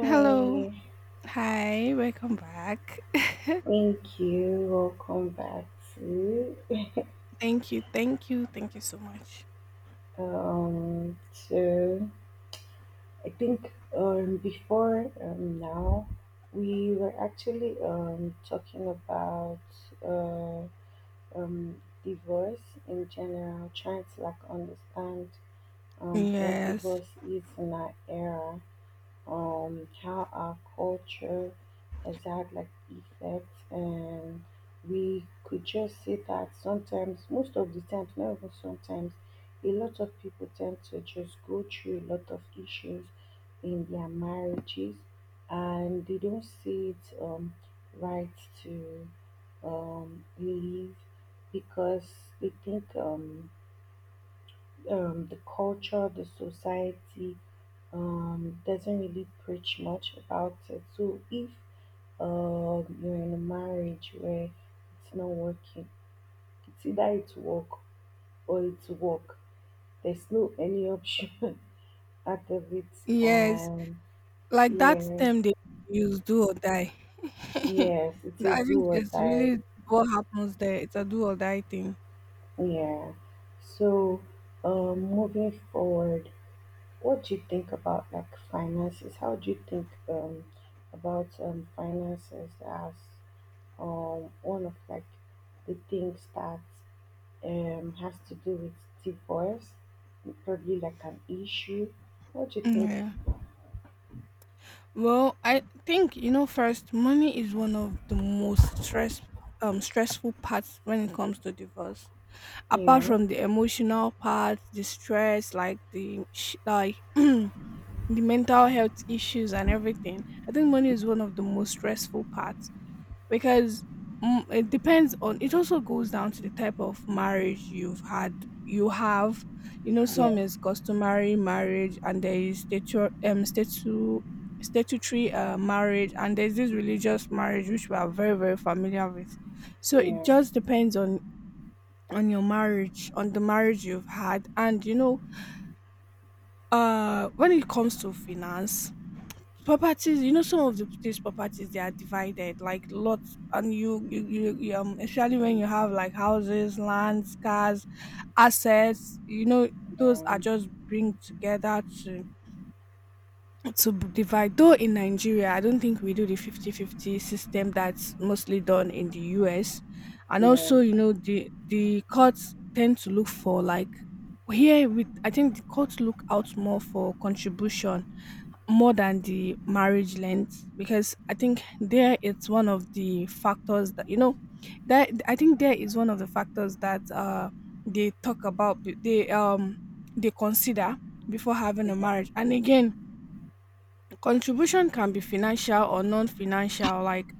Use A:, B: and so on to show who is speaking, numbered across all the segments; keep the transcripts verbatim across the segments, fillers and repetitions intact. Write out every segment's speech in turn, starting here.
A: Hello. Hi. Welcome back.
B: thank you. Welcome back to
A: thank you. Thank you. Thank you so much.
B: um So I think um before um now we were actually um talking about uh um divorce in general, trying to like understand um what
A: Yes.
B: divorce is in our era, um, how our culture has had like effects. And we could just see that sometimes, most of the times, not even sometimes, a lot of people tend to just go through a lot of issues in their marriages, and they don't see it um, right to um, leave because they think, um, um, the culture, the society um, doesn't really preach much about it. So if uh, you're in a marriage where it's not working, it's either it's work or it's work. There's no any option out of it.
A: Yes.
B: And
A: Like that
B: yeah,
A: term they use, do or die.
B: yes, it's a
A: I
B: do
A: think
B: or
A: it's
B: die.
A: really what happens there. It's a do or die thing.
B: Yeah. So, um, moving forward, what do you think about like finances? How do you think um about um finances as um one of like the things that um has to do with divorce, probably like an issue? What do you think?
A: Yeah. Well, I think you know first, money is one of the most stress um stressful parts when it comes to divorce. Apart
B: Yeah,
A: from the emotional part, the stress, like the sh- like the mental health issues and everything. I think money is one of the most stressful parts because mm, it depends on, it also goes down to the type of marriage you've had you have. You know,
B: yeah,
A: some is customary marriage, and there is statu- um statu- statutory uh, marriage, and there's this religious marriage which we are very very familiar with. So it
B: yeah,
A: just depends on on your marriage, on the marriage you've had. And you know, uh when it comes to finance, properties, you know, some of the, these properties, they are divided like lots. And you, you, you, you, um, especially when you have like houses, lands, cars, assets, you know, those are just
B: um,
A: bring together to to b- divide. Though in Nigeria, I don't think we do the fifty-fifty system that's mostly done in the U S, and
B: yeah,
A: also, you know, the the courts tend to look for, like, here with, I think the courts look out more for contribution more than the marriage length, because I think there it's one of the factors that, you know that I think there is one of the factors that uh they talk about, b- they um they consider before having a marriage. And again, contribution can be financial or non-financial. Like,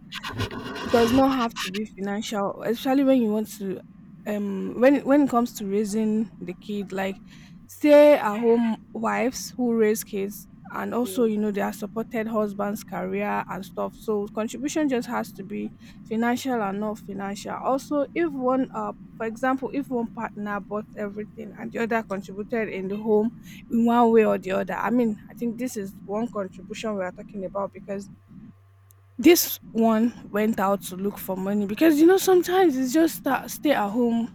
A: it does not have to be financial, especially when you want to, um when when it comes to raising the kid, like stay at home wives who raise kids, and
B: yeah,
A: also, you know, they are supported husband's career and stuff. So contribution just has to be financial and not financial. Also, if one, uh for example, if one partner bought everything and the other contributed in the home in one way or the other, I mean, I think this is one contribution we are talking about, because this one went out to look for money. Because you know, sometimes it's just that stay at home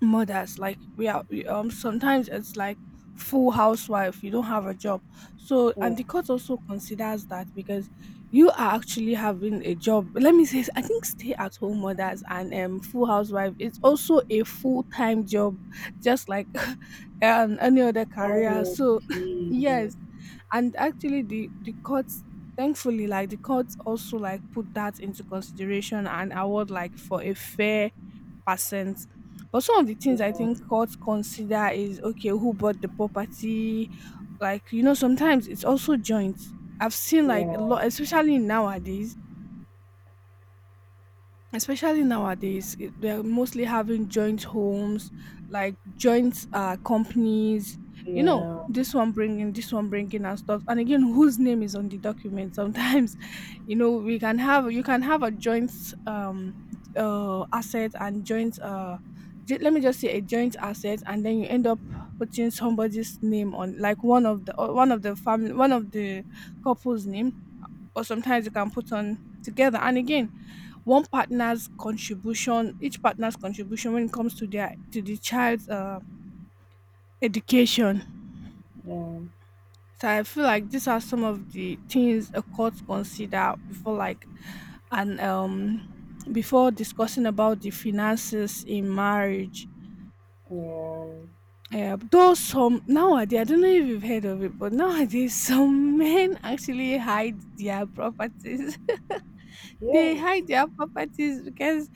A: mothers, like we are we, um sometimes it's like full housewife, you don't have a job. So, and
B: yeah.
A: the court also considers that because you are actually having a job. Let me say, I think stay at home mothers and um full housewife is also a full-time job, just like um any other career. So
B: Honestly, yeah,
A: yes, and actually the the courts, thankfully, like the courts also, like, put that into consideration and award like for a fair percent. But some of the things I
B: yeah,
A: think courts consider is, okay, who bought the property? Like, you know, sometimes it's also joint. I've seen like a
B: yeah,
A: lot, especially nowadays, especially nowadays it- they're mostly having joint homes, like joint uh companies. You know,
B: yeah,
A: this one bringing, this one bringing and stuff. And again, whose name is on the document? Sometimes you know, we can have you can have a joint um uh asset and joint, uh ju- let me just say a joint asset, and then you end up putting somebody's name on like one of the uh, one of the family, one of the couple's name, or sometimes you can put on together. And again, one partner's contribution, each partner's contribution when it comes to their to the child's uh, education. So I feel like these are some of the things a court consider before, like, and um before discussing about the finances in marriage.
B: yeah.
A: Yeah, though some nowadays, I don't know if you've heard of it, but nowadays some men actually hide their properties. They
B: Yes.
A: hide their properties because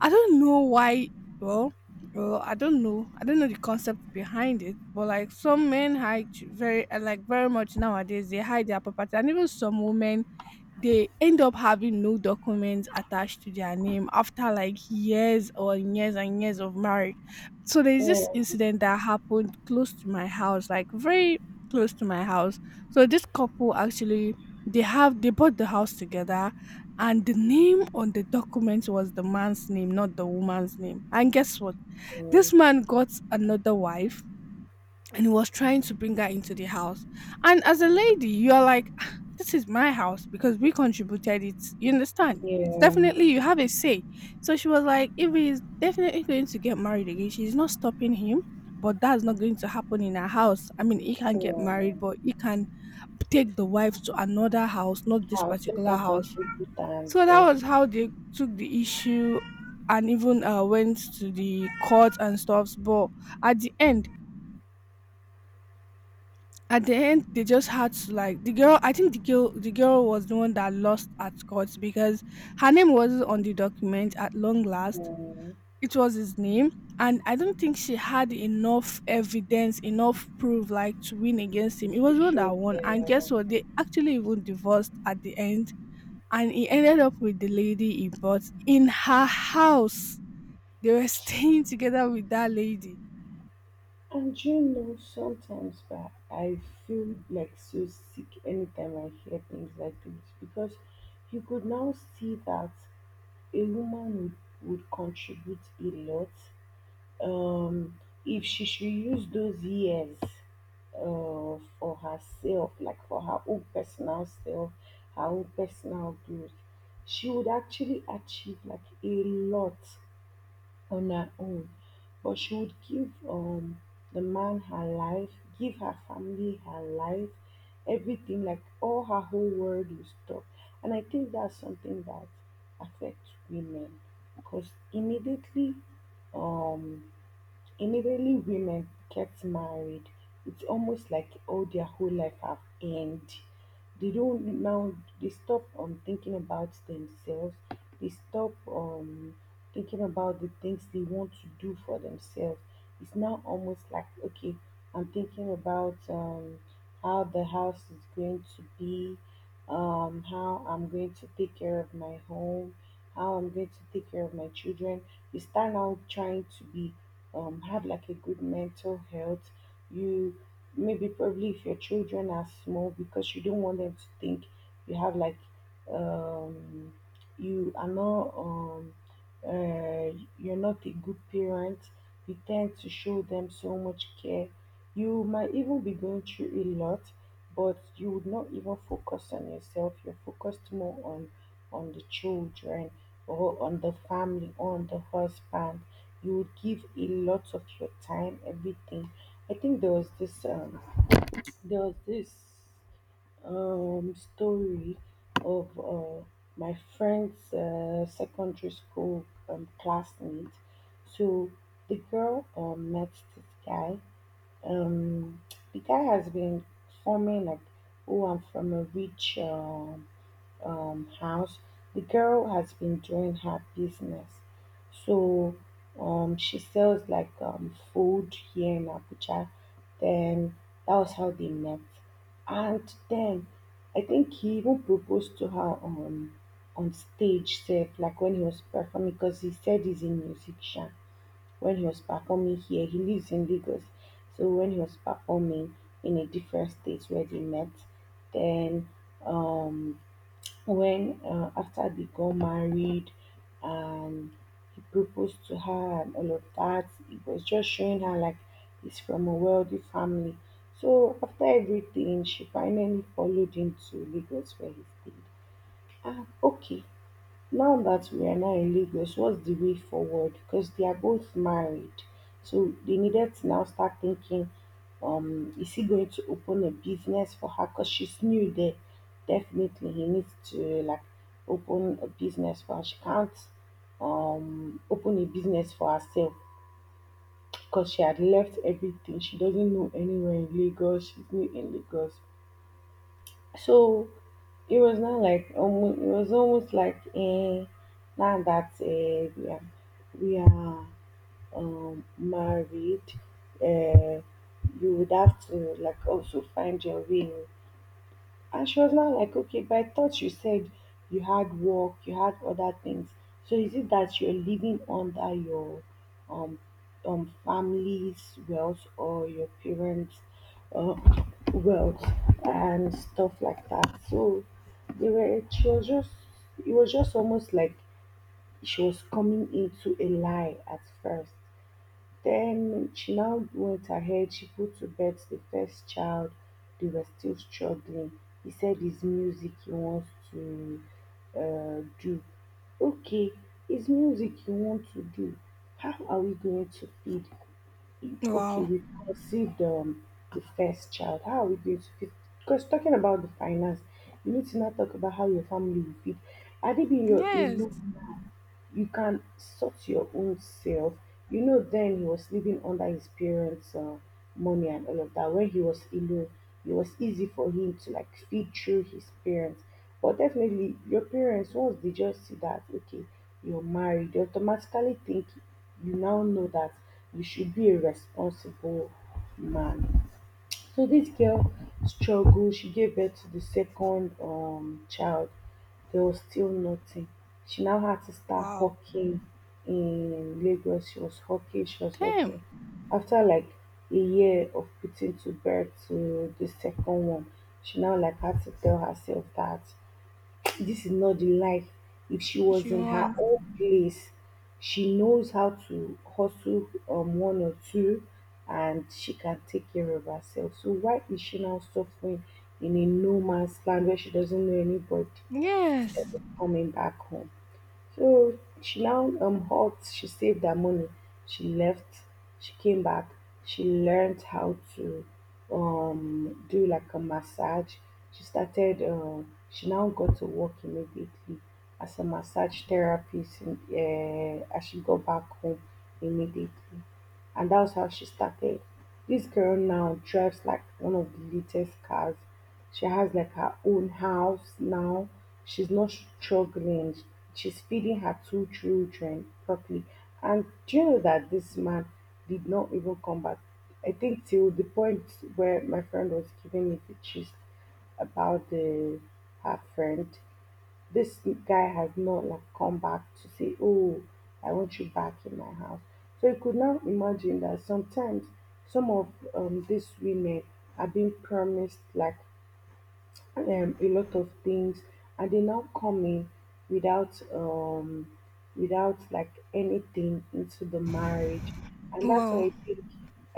A: I don't know why. Well, well, I don't know. I don't know the concept behind it, but like some men hide ch- very, uh, like very much nowadays. They hide their property, and even some women, they end up having no documents attached to their name after like years or years and years of marriage. So there's this
B: Yeah.
A: incident that happened close to my house, like very close to my house. So this couple actually, they have they bought the house together, and the name on the documents was the man's name, not the woman's name. And guess what? This man got another wife and he was trying to bring her into the house. And as a lady, you are like, "Ah, this is my house because we contributed it. You understand?
B: Yeah.
A: It's definitely,
B: Yeah.
A: you have a say." So she was like, if he's definitely going to get married again, she's not stopping him. But that's not going to happen in her house. I mean, he can get married,
B: Yeah.
A: but he can take the wife to another house, not this
B: House, let
A: particular
B: her
A: house.
B: contribute and
A: So that
B: also,
A: was how they took the issue and even, uh, went to the court and stuff. But at the end, at the end, they just had to, like, the girl. I think the girl, the girl was the one that lost at court because her name wasn't on the document. At long last,
B: um,
A: it was his name, and I don't think she had enough evidence, enough proof, like, to win against him. It was the one
B: social.
A: that won, and
B: Yeah.
A: guess what? They actually even divorced at the end, and he ended up with the lady he bought in her house. They were staying together with that lady.
B: And you know, sometimes, but I feel like so sick anytime I hear things like this, because you could now see that a woman would, would contribute a lot. um if she should use those years uh for herself, like for her own personal self, her own personal growth, she would actually achieve like a lot on her own. But she would give um the man her life, give her family her life, everything, like all her whole world will stop. And I think that's something that affects women because, immediately um Immediately women get married, it's almost like all their whole life have end. They don't now they stop um thinking about themselves. They stop um thinking about the things they want to do for themselves. It's now almost like, okay, I'm thinking about um how the house is going to be, um how I'm going to take care of my home, how I'm going to take care of my children. You start now trying to be um, have like a good mental health. You maybe probably, if your children are small, because you don't want them to think you have like, um, you are not um, uh, you're not a good parent. You tend to show them so much care. You might even be going through a lot, but you would not even focus on yourself. You're focused more on on the children, or on the family, on the husband. You would give a lot of your time, everything. I think there was this um there was this um story of uh, my friend's uh, secondary school um, classmate. So the girl, um, met this guy. Um the guy has been forming like, oh, I'm from a rich, um um, house. The girl has been doing her business. So, um, she sells like um, food here in Abuja. Then that was how they met. And then I think he even proposed to her on on stage, said like when he was performing, because he said he's a musician. When he was performing here, he lives in Lagos. So when he was performing in a different state where they met, then, um when uh, after they got married and he proposed to her and all of that, it was just showing her like he's from a wealthy family. So after everything, she finally followed him to Lagos where he stayed. Ah, okay, now that we are now in Lagos, what's the way forward? Because they are both married. So they needed to now start thinking, um, is he going to open a business for her? Because she's new there. Definitely he needs to like open a business for her. She can't um open a business for herself, because she had left everything. She doesn't know anywhere in Lagos. She's new in Lagos. So it was not like almost, it was almost like, eh, now that, eh, we are we are um, married, uh, you would have to like also find your way. And she was now like, okay, but I thought you said you had work, you had other things. So is it that you're living under your um um family's wealth, or your parents' uh, wealth and stuff like that? So they were she was just it was just almost like she was coming into a lie at first. Then she now went ahead, she put to bed the first child. They were still struggling. He said his music he wants to uh, do. Okay, his music you want to do. How are we going to feed? Okay,
A: Wow.
B: we conceived, um, the first child. How are we going to feed? Because talking about the finance, you need to now talk about how your family will feed. Are they being your
A: Yes.
B: alone? You can sort your own self. You know, then he was living under his parents' uh, money and all of that. When he was alone, it was easy for him to like feed through his parents. But definitely, your parents, once they just see that, okay, you're married, they automatically think you now know that you should be a responsible man. So this girl struggled. She gave birth to the second um, child. There was still nothing. She now had to start
A: Wow.
B: hawking in Lagos. She was hawking. She was
A: Damn.
B: hawking. After like a year of putting to birth to the second one, she now like had to tell herself that this is not the life. If she was
A: She
B: in her
A: won.
B: own place, she knows how to hustle, um, one or two, and she can take care of herself. So why is she now suffering in a no man's land where she doesn't know anybody instead
A: Yes.
B: of coming back home? So she now um hot she saved her money, she left, she came back, she learned how to um do like a massage. She started um she now got to work immediately as a massage therapist in, uh, as she got back home immediately. And that was how she started. This girl now drives like one of the latest cars. She has like her own house now. She's not struggling. She's feeding her two children properly. And do you know that this man did not even come back? I think till the point where my friend was giving me the gist about the her friend, this guy has not like come back to say, "Oh, I want you back in my house." So you could now imagine that sometimes some of um, these women are being promised like um, a lot of things, and they now come in without um without like anything into the marriage, and that's why
A: Wow.
B: i think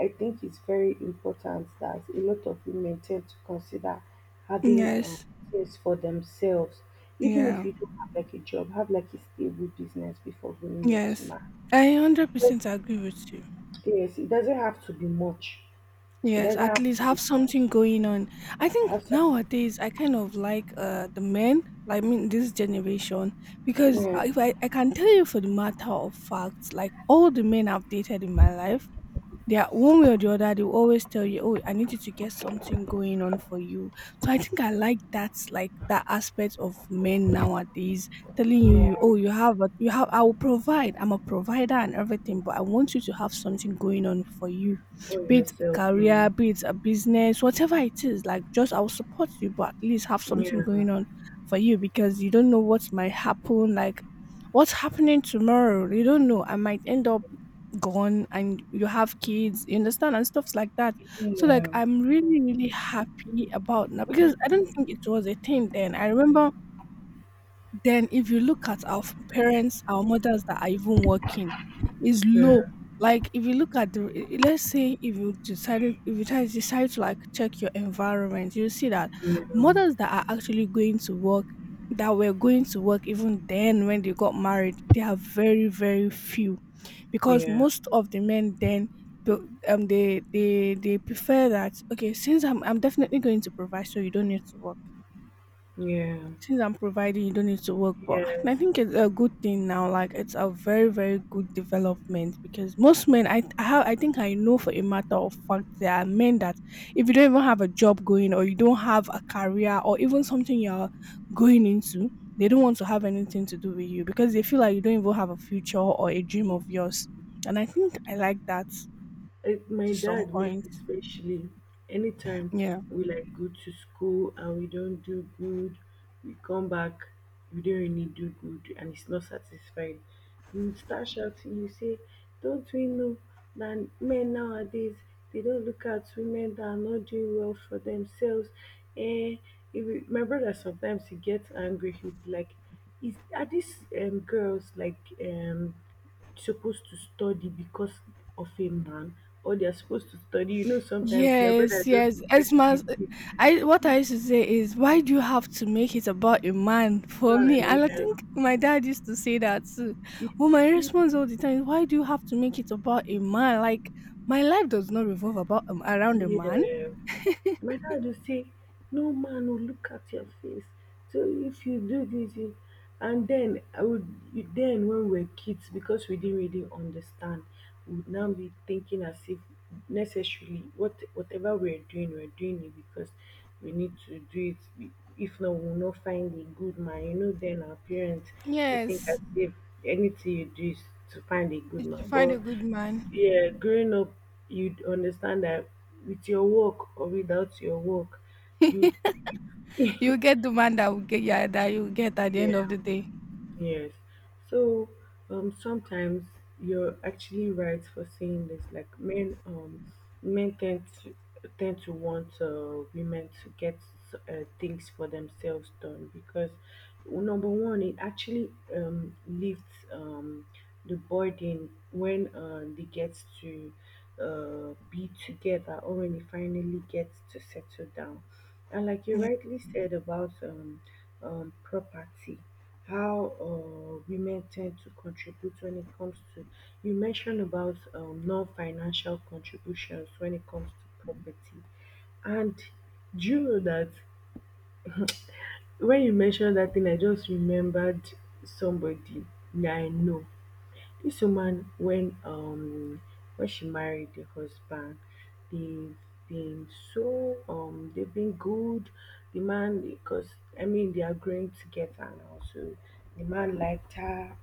B: i think it's very important that a lot of women tend to consider having um
A: Yes.
B: things for themselves, even if
A: Yeah.
B: you don't have like a job, have like a stable business before going into
A: Yes.
B: marriage.
A: I
B: Yes,
A: one hundred percent agree with you.
B: yes, it doesn't have to be much. It
A: Yes,
B: doesn't
A: at
B: have
A: least have something going on. I
B: to have
A: think
B: something.
A: nowadays I kind of like uh the men, like, I mean this generation, because
B: Yeah,
A: I- if I, I can tell you for the matter of fact, like all the men I've dated in my life, they are one way or the other, they will always tell you, "Oh, I need you to get something going on for you." So I think I like that, like that aspect of men nowadays, telling
B: yeah,
A: you, "Oh, you have, a, you have, I will provide. I'm a provider and everything, but I want you to have something going on for you,
B: for
A: be it a
B: yourself.
A: career, be it a business, whatever it is. Like, just, I will support you, but at least have
B: Yeah.
A: something going on for you because you don't know what might happen." Like, what's happening tomorrow? You don't know. I might end up gone and you have kids, you understand, and stuffs like that. So like,
B: Yeah,
A: I'm really, really happy about now, because I don't think it was a thing then. I remember then, if you look at our f- parents, our mothers that are even working, is low.
B: yeah,
A: Like if you look at the i- let's say if you decided if you try- decide to like check your environment, you see that mothers that are actually going to work, that were going to work even then when they got married, they are very, very few, because
B: yeah,
A: most of the men then, pe- um they they they prefer that, okay, since i'm i'm definitely going to provide, so you don't need to work.
B: yeah,
A: Since I'm providing, you don't need to work. But
B: yes.
A: I think it's a good thing now. Like it's a very, very good development, because most men, I, I have, I think I know for a matter of fact, there are men that if you don't even have a job going, or you don't have a career, or even something you're going into, they don't want to have anything to do with you because they feel like you don't even have a future or a dream of yours. And I think I like that
B: I, my
A: to some
B: dad most
A: point.
B: especially, anytime
A: Yeah.
B: we like go to school and we don't do good, we come back, we don't really do good and it's not satisfied, you would start shouting, you say, don't we know that men nowadays, they don't look at women that are not doing well for themselves. And if my brother, sometimes he gets angry, he'll be like, is are these um girls like um supposed to study because of a man, or they're supposed to study. You know, sometimes my brother
A: Yes,
B: just
A: yes. As
B: tends to
A: much,
B: be a
A: I, what I used to say is, why do you have to make it about a man for me?
B: man,
A: And I
B: yeah.
A: think my dad used to say that too.
B: He-
A: Well, my
B: he-
A: response all the time is, why do you have to make it about a man? Like, my life does not revolve about, um, around a man.
B: Yeah. My dad will say, "No man will look at your face. So if you do this, you-" and then I would then when we were kids, because we didn't really understand, we would now be thinking as if necessarily what whatever we're doing, we're doing it because we need to do it. If not, we'll not find a good man. You know, then our parents, they think as
A: Yes.
B: if anything you do is to find a good
A: Is to
B: man.
A: find
B: But
A: a good man.
B: yeah, growing up, you'd understand that with your work or without your work, you yeah.
A: You get the man that will get, yeah, that you get at the end of the day.
B: Yes. So, um, sometimes you're actually right for saying this. Like men, um, men tend to tend to want, uh, women to get uh, things for themselves done, because, well, number one, it actually, um, lifts um, the burden when uh, they get to uh, be together or when they finally get to settle down. And like you
A: Yeah.
B: rightly said about, um, um, property, how uh, women tend to contribute when it comes to, you mentioned about um, non financial contributions when it comes to property. And do you know that when you mentioned that thing, I just remembered somebody that I know. This woman, when um when she married the husband, they've been so um they've been good. The man, because I mean they are growing together, and also the man liked her,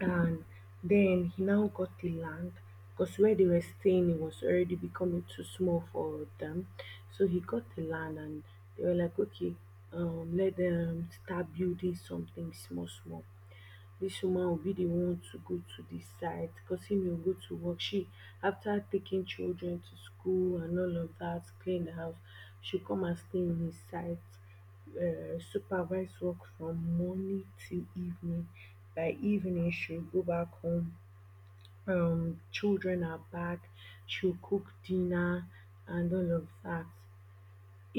B: and then he now got the land, because where they were staying it was already becoming too small for them. So he got the land and they were like, okay, um let them start building something small small. Dis woman Obi dey want to go to the site because im no go to work. She, after taking children to school and all of dat, clean the house, she come and stay in the site, um supervise work from morning till evening. By evening she go back home, um children are back, she will cook dinner and all of dat.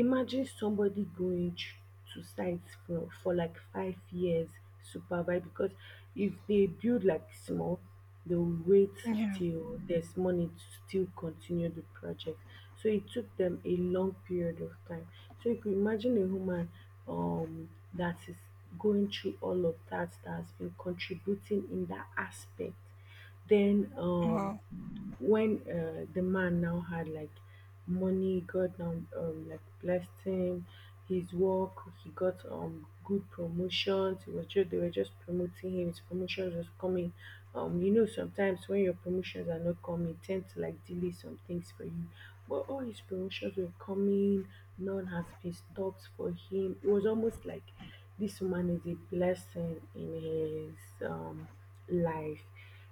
B: Imagine somebody going tr- to sites for for like five years, supervise, because if they build like small, they'll wait
A: Yeah.
B: till there's money to still continue the project. So it took them a long period of time. So you could imagine a woman um that is going through all of that, that has been contributing in that aspect. Then um
A: Wow.
B: When uh, the man now had like money, God now um, like blessed him, his work, he got um good promotions. He was just they were just promoting him. His promotions was coming. Um, you know, sometimes when your promotions are not coming, it tend to like delay some things for you. But all his promotions were coming. None has been stopped for him. It was almost like this woman is a blessing in his um life.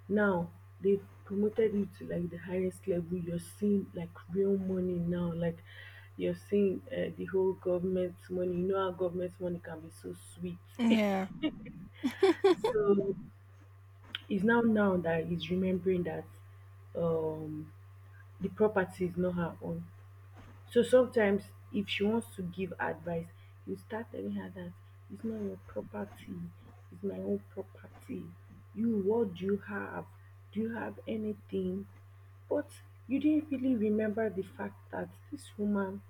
B: Now they've promoted you to like the highest level, you're seeing like real money now, like you're seeing uh, the whole government money, you know how government money can be so sweet.
A: Yeah.
B: So it's now now that he's remembering that um the property is not her own. So sometimes if she wants to give advice, you start telling her that it's not your property, it's my own property. You what do you have? Do you have anything? But you didn't really remember the fact that this woman,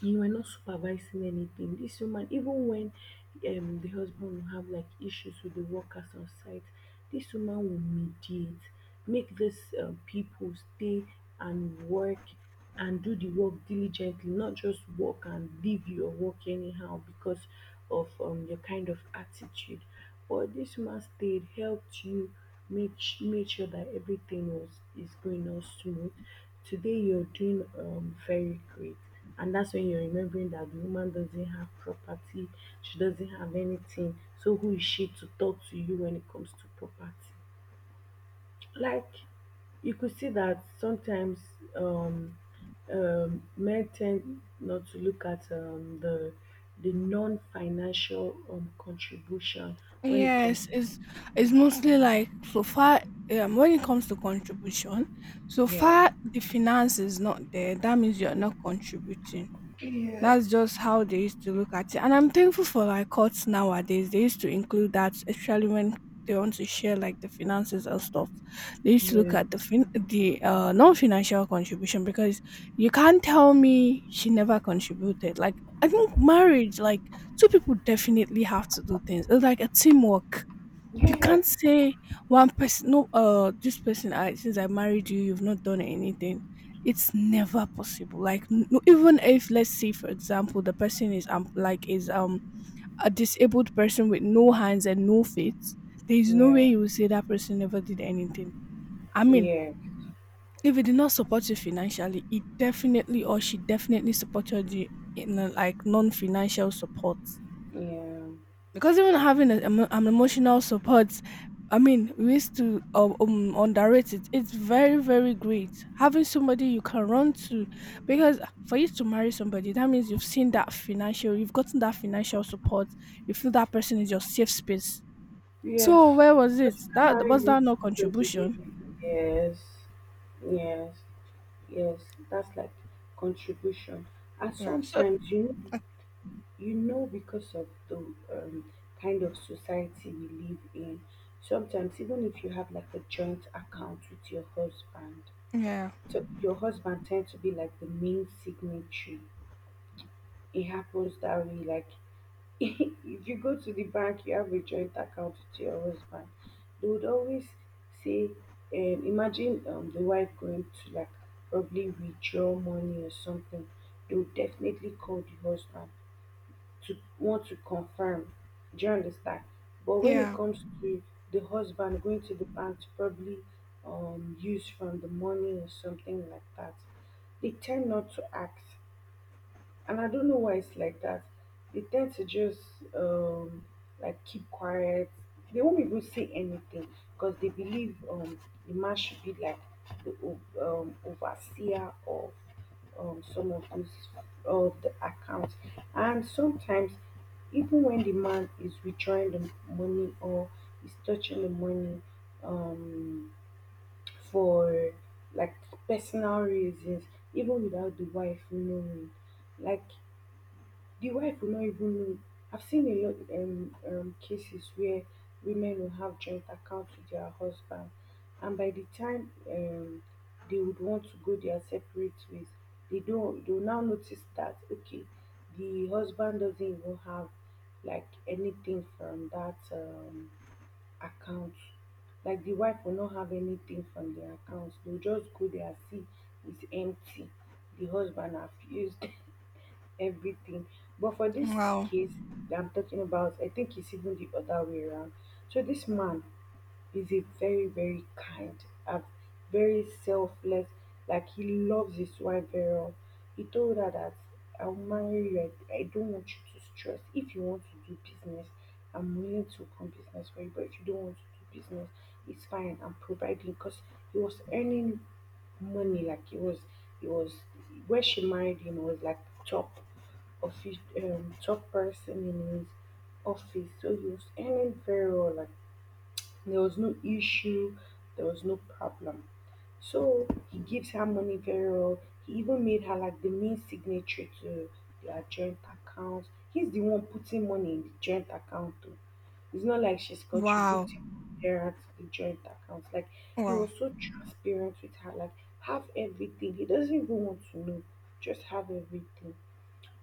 B: you were not supervising anything. This woman, even when um, the husband will have like issues with the workers on site, this woman will mediate, make these um, people stay and work and do the work diligently, not just work and leave your work anyhow because of um, your kind of attitude. But this woman stayed, helped you, Make sh- made sure that everything was is going on smooth. Today you're doing um very great. And that's when you're remembering that the woman doesn't have property, she doesn't have anything. So who is she to talk to you when it comes to property? Like, you could see that sometimes um, um, men tend not to look at um, the the non-financial um, contribution when it comes
A: Yes,
B: to.
A: it's it's mostly like, so far, um, when it comes to contribution, so
B: Yeah.
A: far the finance is not there. That means you are not contributing.
B: Yes.
A: That's just how they used to look at it. And I'm thankful for like courts nowadays. They used to include that, especially when they want to share like the finances and stuff. They used to look
B: Yeah.
A: at the fin- the uh, non-financial contribution, because you can't tell me she never contributed. Like I think marriage, like two people definitely have to do things. It's like a teamwork. You
B: Yes.
A: can't say one person, no, uh, this person, I since I married you, you've not done anything. It's never possible. Like, n- no, even if let's say, for example, the person is um like is um a disabled person with no hands and no feet, there is no
B: Yeah.
A: way you will say that person never did anything. I mean,
B: Yeah.
A: if it did not support you financially, it definitely or she definitely supported you in a, like non-financial support,
B: Yeah.
A: because even having a, emo- an emotional support, I mean we used to um, um underrate it. It's very very great having somebody you can run to, because for you to marry somebody that means you've seen that financial you've gotten that financial support. You feel that person is your safe space.
B: Yes.
A: So where was it that
B: Somebody
A: was
B: who
A: that no
B: who doesn't give
A: contribution?
B: me. Yes. Yes. Yes. That's like contribution. And
A: Yeah. So
B: sometimes, you know, you know, because of the um, kind of society we live in. Sometimes even if you have like a joint account with your husband,
A: yeah.
B: so your husband tends to be like the main signatory. It happens that way, like if you go to the bank, you have a joint account with your husband. They would always say, um, imagine um, the wife going to like probably withdraw money or something. They would definitely call the husband to want to confirm. Do you understand? But when it
A: Yeah.
B: comes to the husband going to the bank to probably um, use from the money or something like that, they tend not to ask, and I don't know why it's like that. They tend to just um like keep quiet. They won't even say anything because they believe um the man should be like the o- um, overseer of um some of those of the accounts. And sometimes even when the man is withdrawing the money or is touching the money um for like personal reasons, even without the wife knowing, like the wife will not even know. I've seen a lot um, um cases where women will have joint accounts with their husband, and by the time um they would want to go their separate ways, they don't. They will now notice that, okay, the husband doesn't even have like anything from that um account. Like the wife will not have anything from their accounts. They'll just go there and see it's empty. The husband have used everything. But for this
A: Wow.
B: case that I'm talking about, I think it's even the other way around. So this man is a very, very kind, a very selfless, like he loves his wife very well. He told her that, I'll marry you. I, I don't want you to stress. If you want to do business, I'm willing to open business for you. But if you don't want to do business, it's fine. I'm providing, because he was earning money like it was it was where she married him was like top office, um, top person in his office. So he was earning very well, like there was no issue, there was no problem. So he gives her money very well. He even made her like the main signatory to their joint account. He's the one putting money in the joint account too. It's not like she's
A: Wow.
B: contributing her to the joint account. Like, he
A: Wow.
B: was so transparent with her, like, have everything. He doesn't even want to know. Just have everything.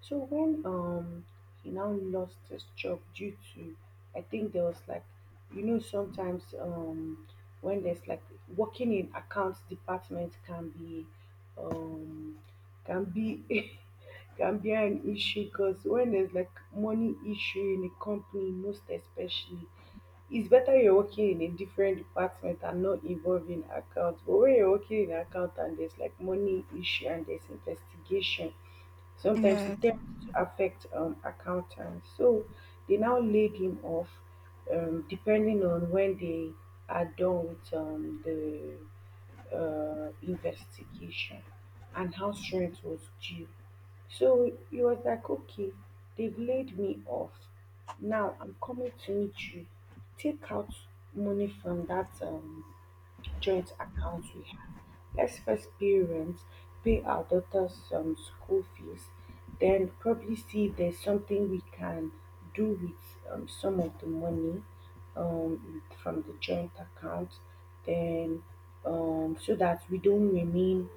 B: So when um he now lost his job due to, I think there was like, you know, sometimes um when there's like, working in accounts department can be um can be can be an issue, because when there's like money issue in a company most especially, it's better you're working in a different department and not involving accounts. But when you're working in account and there's like money issue and there's investigation, sometimes it
A: Yes.
B: tends to affect um accountants. So they now laid him off, um depending on when they are done with um the uh, investigation, and how rent was due. So he was like, okay, they've laid me off. Now I'm coming to meet you. Take out money from that um, joint accounts we have. Let's first parents pay our daughters some school fees, then probably see if there's something we can do with um, some of the money, um, with- from the joint account, then um, so that we don't remain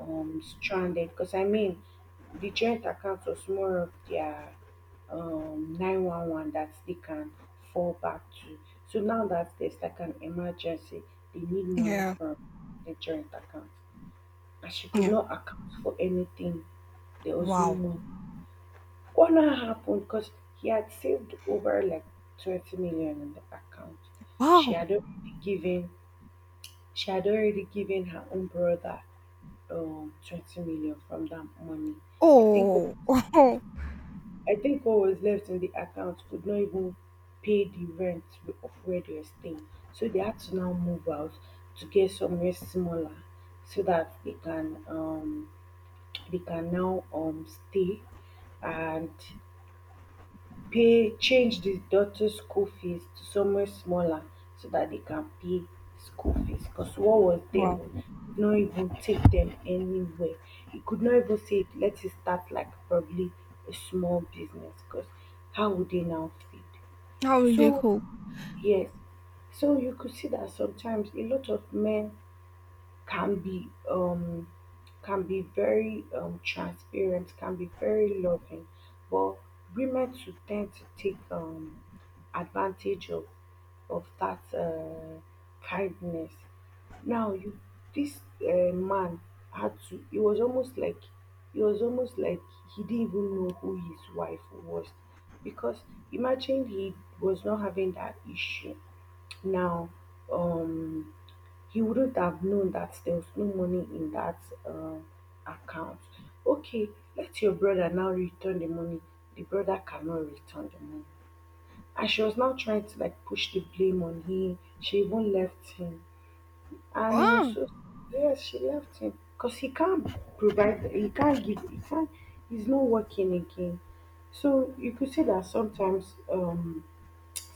B: um, stranded. Because I mean, the joint account was more of their um nine one one that they can fall back to. So now that there's like an emergency, they need money
A: Yeah.
B: from the joint account. And she could
A: Yeah.
B: not account for anything. There was no
A: Wow.
B: money. What now happened? Because he had saved over like twenty million in the account. She
A: Wow.
B: had already given she had already given her own brother um twenty million from that money. I think
A: Oh. Oh.
B: I think what was left in the account could not even pay the rent of where they were staying. So they had to now move out to get somewhere smaller so that they can um they can now um stay and pay, change the daughter's school fees to somewhere smaller so that they can pay school fees. Because what was there
A: Wow.
B: would not even take them anywhere. You could not even say, let it start like probably a small business, because how would they now feed?
A: How did they
B: So,
A: cool.
B: yes, so you could see that sometimes a lot of men can be um can be very um transparent, can be very loving, but women to tend to take um advantage of of that uh, kindness. Now you, this uh, man had to, it was almost like it was almost like he didn't even know who his wife was, because imagine he was not having that issue now, um he wouldn't have known that there was no money in that um, account. Okay, let your brother now return the money. The brother cannot return the money. And she was now trying to like push the blame on him. She even left him. And it was
A: Oh,
B: so, yes, she left him. Because he can't provide, he can't give, he can't, he's not working again. So you could say that sometimes um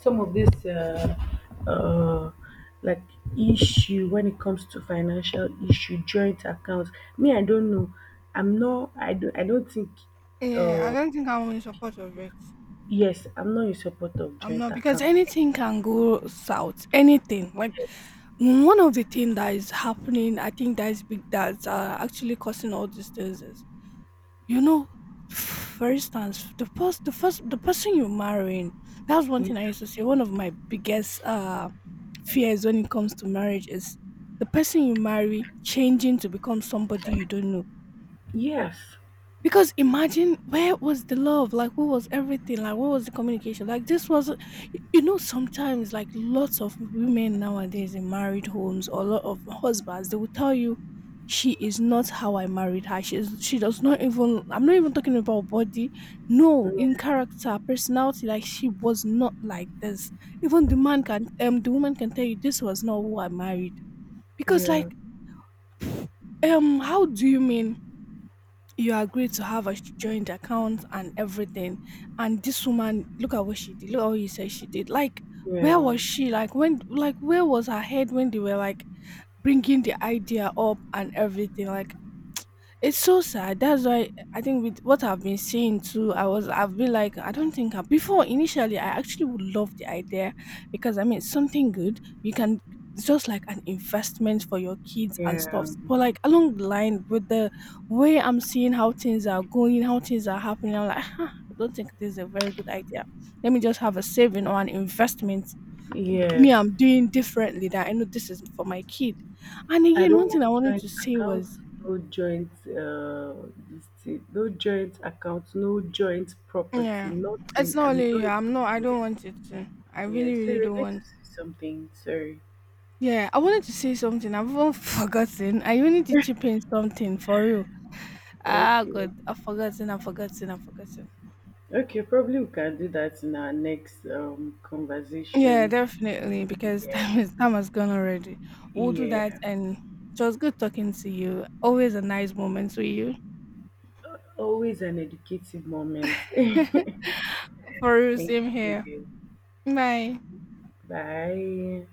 B: some of this uh, uh, like issue when it comes to financial issue, joint accounts, me, I don't know, i'm not i don't i don't think.
A: yeah, I don't think I'm in support of it.
B: Yes, I'm not in support of
A: I'm
B: joint
A: not, because
B: account.
A: anything can go south. Anything like
B: Yes.
A: one of the things that is happening, I think that is big, that's uh, actually causing all these things is, you know, for instance, the first, the first, the person you're marrying. That's one
B: Y-.
A: thing I used to say. One of my biggest uh fears when it comes to marriage is the person you marry changing to become somebody you don't know.
B: Yes.
A: Because imagine where was the love? Like where was everything? Like what was the communication? Like this was, you know, sometimes like lots of women nowadays in married homes or a lot of husbands, they will tell you she is not how I married her. She is, she does not even I'm not even talking about body. No,
B: Yeah.
A: in character, personality, like she was not like this. Even the man can um the woman can tell you this was not who I married. Because
B: Yeah.
A: like um how do you mean you agreed to have a joint account and everything. And this woman, look at what she did. Look at what you said she did. Like, where
B: Yeah,
A: was she? Like, when, like, where was her head when they were like bringing the idea up and everything? Like, it's so sad. That's why I think with what I've been seeing too, I was I've been like I don't think I, before initially I actually would love the idea, because I mean it's something good you can, it's just like an investment for your kids and
B: yeah.
A: stuff. But like along the line with the way I'm seeing how things are going, how things are happening, I'm like, "Huh, I don't think this is a very good idea. Let me just have a saving or an investment. Me,
B: Yes,
A: I'm doing differently that I know this is for my kid." And
B: I
A: again,
B: don't
A: one thing I
B: want
A: wanted
B: joint
A: to say
B: accounts,
A: was,
B: no joint uh this thing, no joint accounts, no joint property,
A: yeah. It's
B: nothing,
A: not
B: I'm
A: only
B: not
A: you. I'm
B: into.
A: not. I
B: Yeah.
A: don't want it to. I
B: Yeah,
A: really,
B: so
A: really
B: we're
A: don't
B: going,
A: want.
B: something. Sorry.
A: Yeah, I wanted to say something. I've even forgotten. I even need to chip in something for real. Ah,
B: Okay.
A: God, I've forgotten. I've forgotten. I've forgotten.
B: Okay. Probably we can do that in our next um
A: Yeah,
B: conversation.
A: definitely. Because
B: Yeah.
A: time is time has gone already. We'll do that.
B: Yeah.
A: And it was good talking to you. Always a nice moment with you.
B: Always an educative moment.
A: For real,
B: Thank
A: same here.
B: you.
A: Bye.
B: Bye.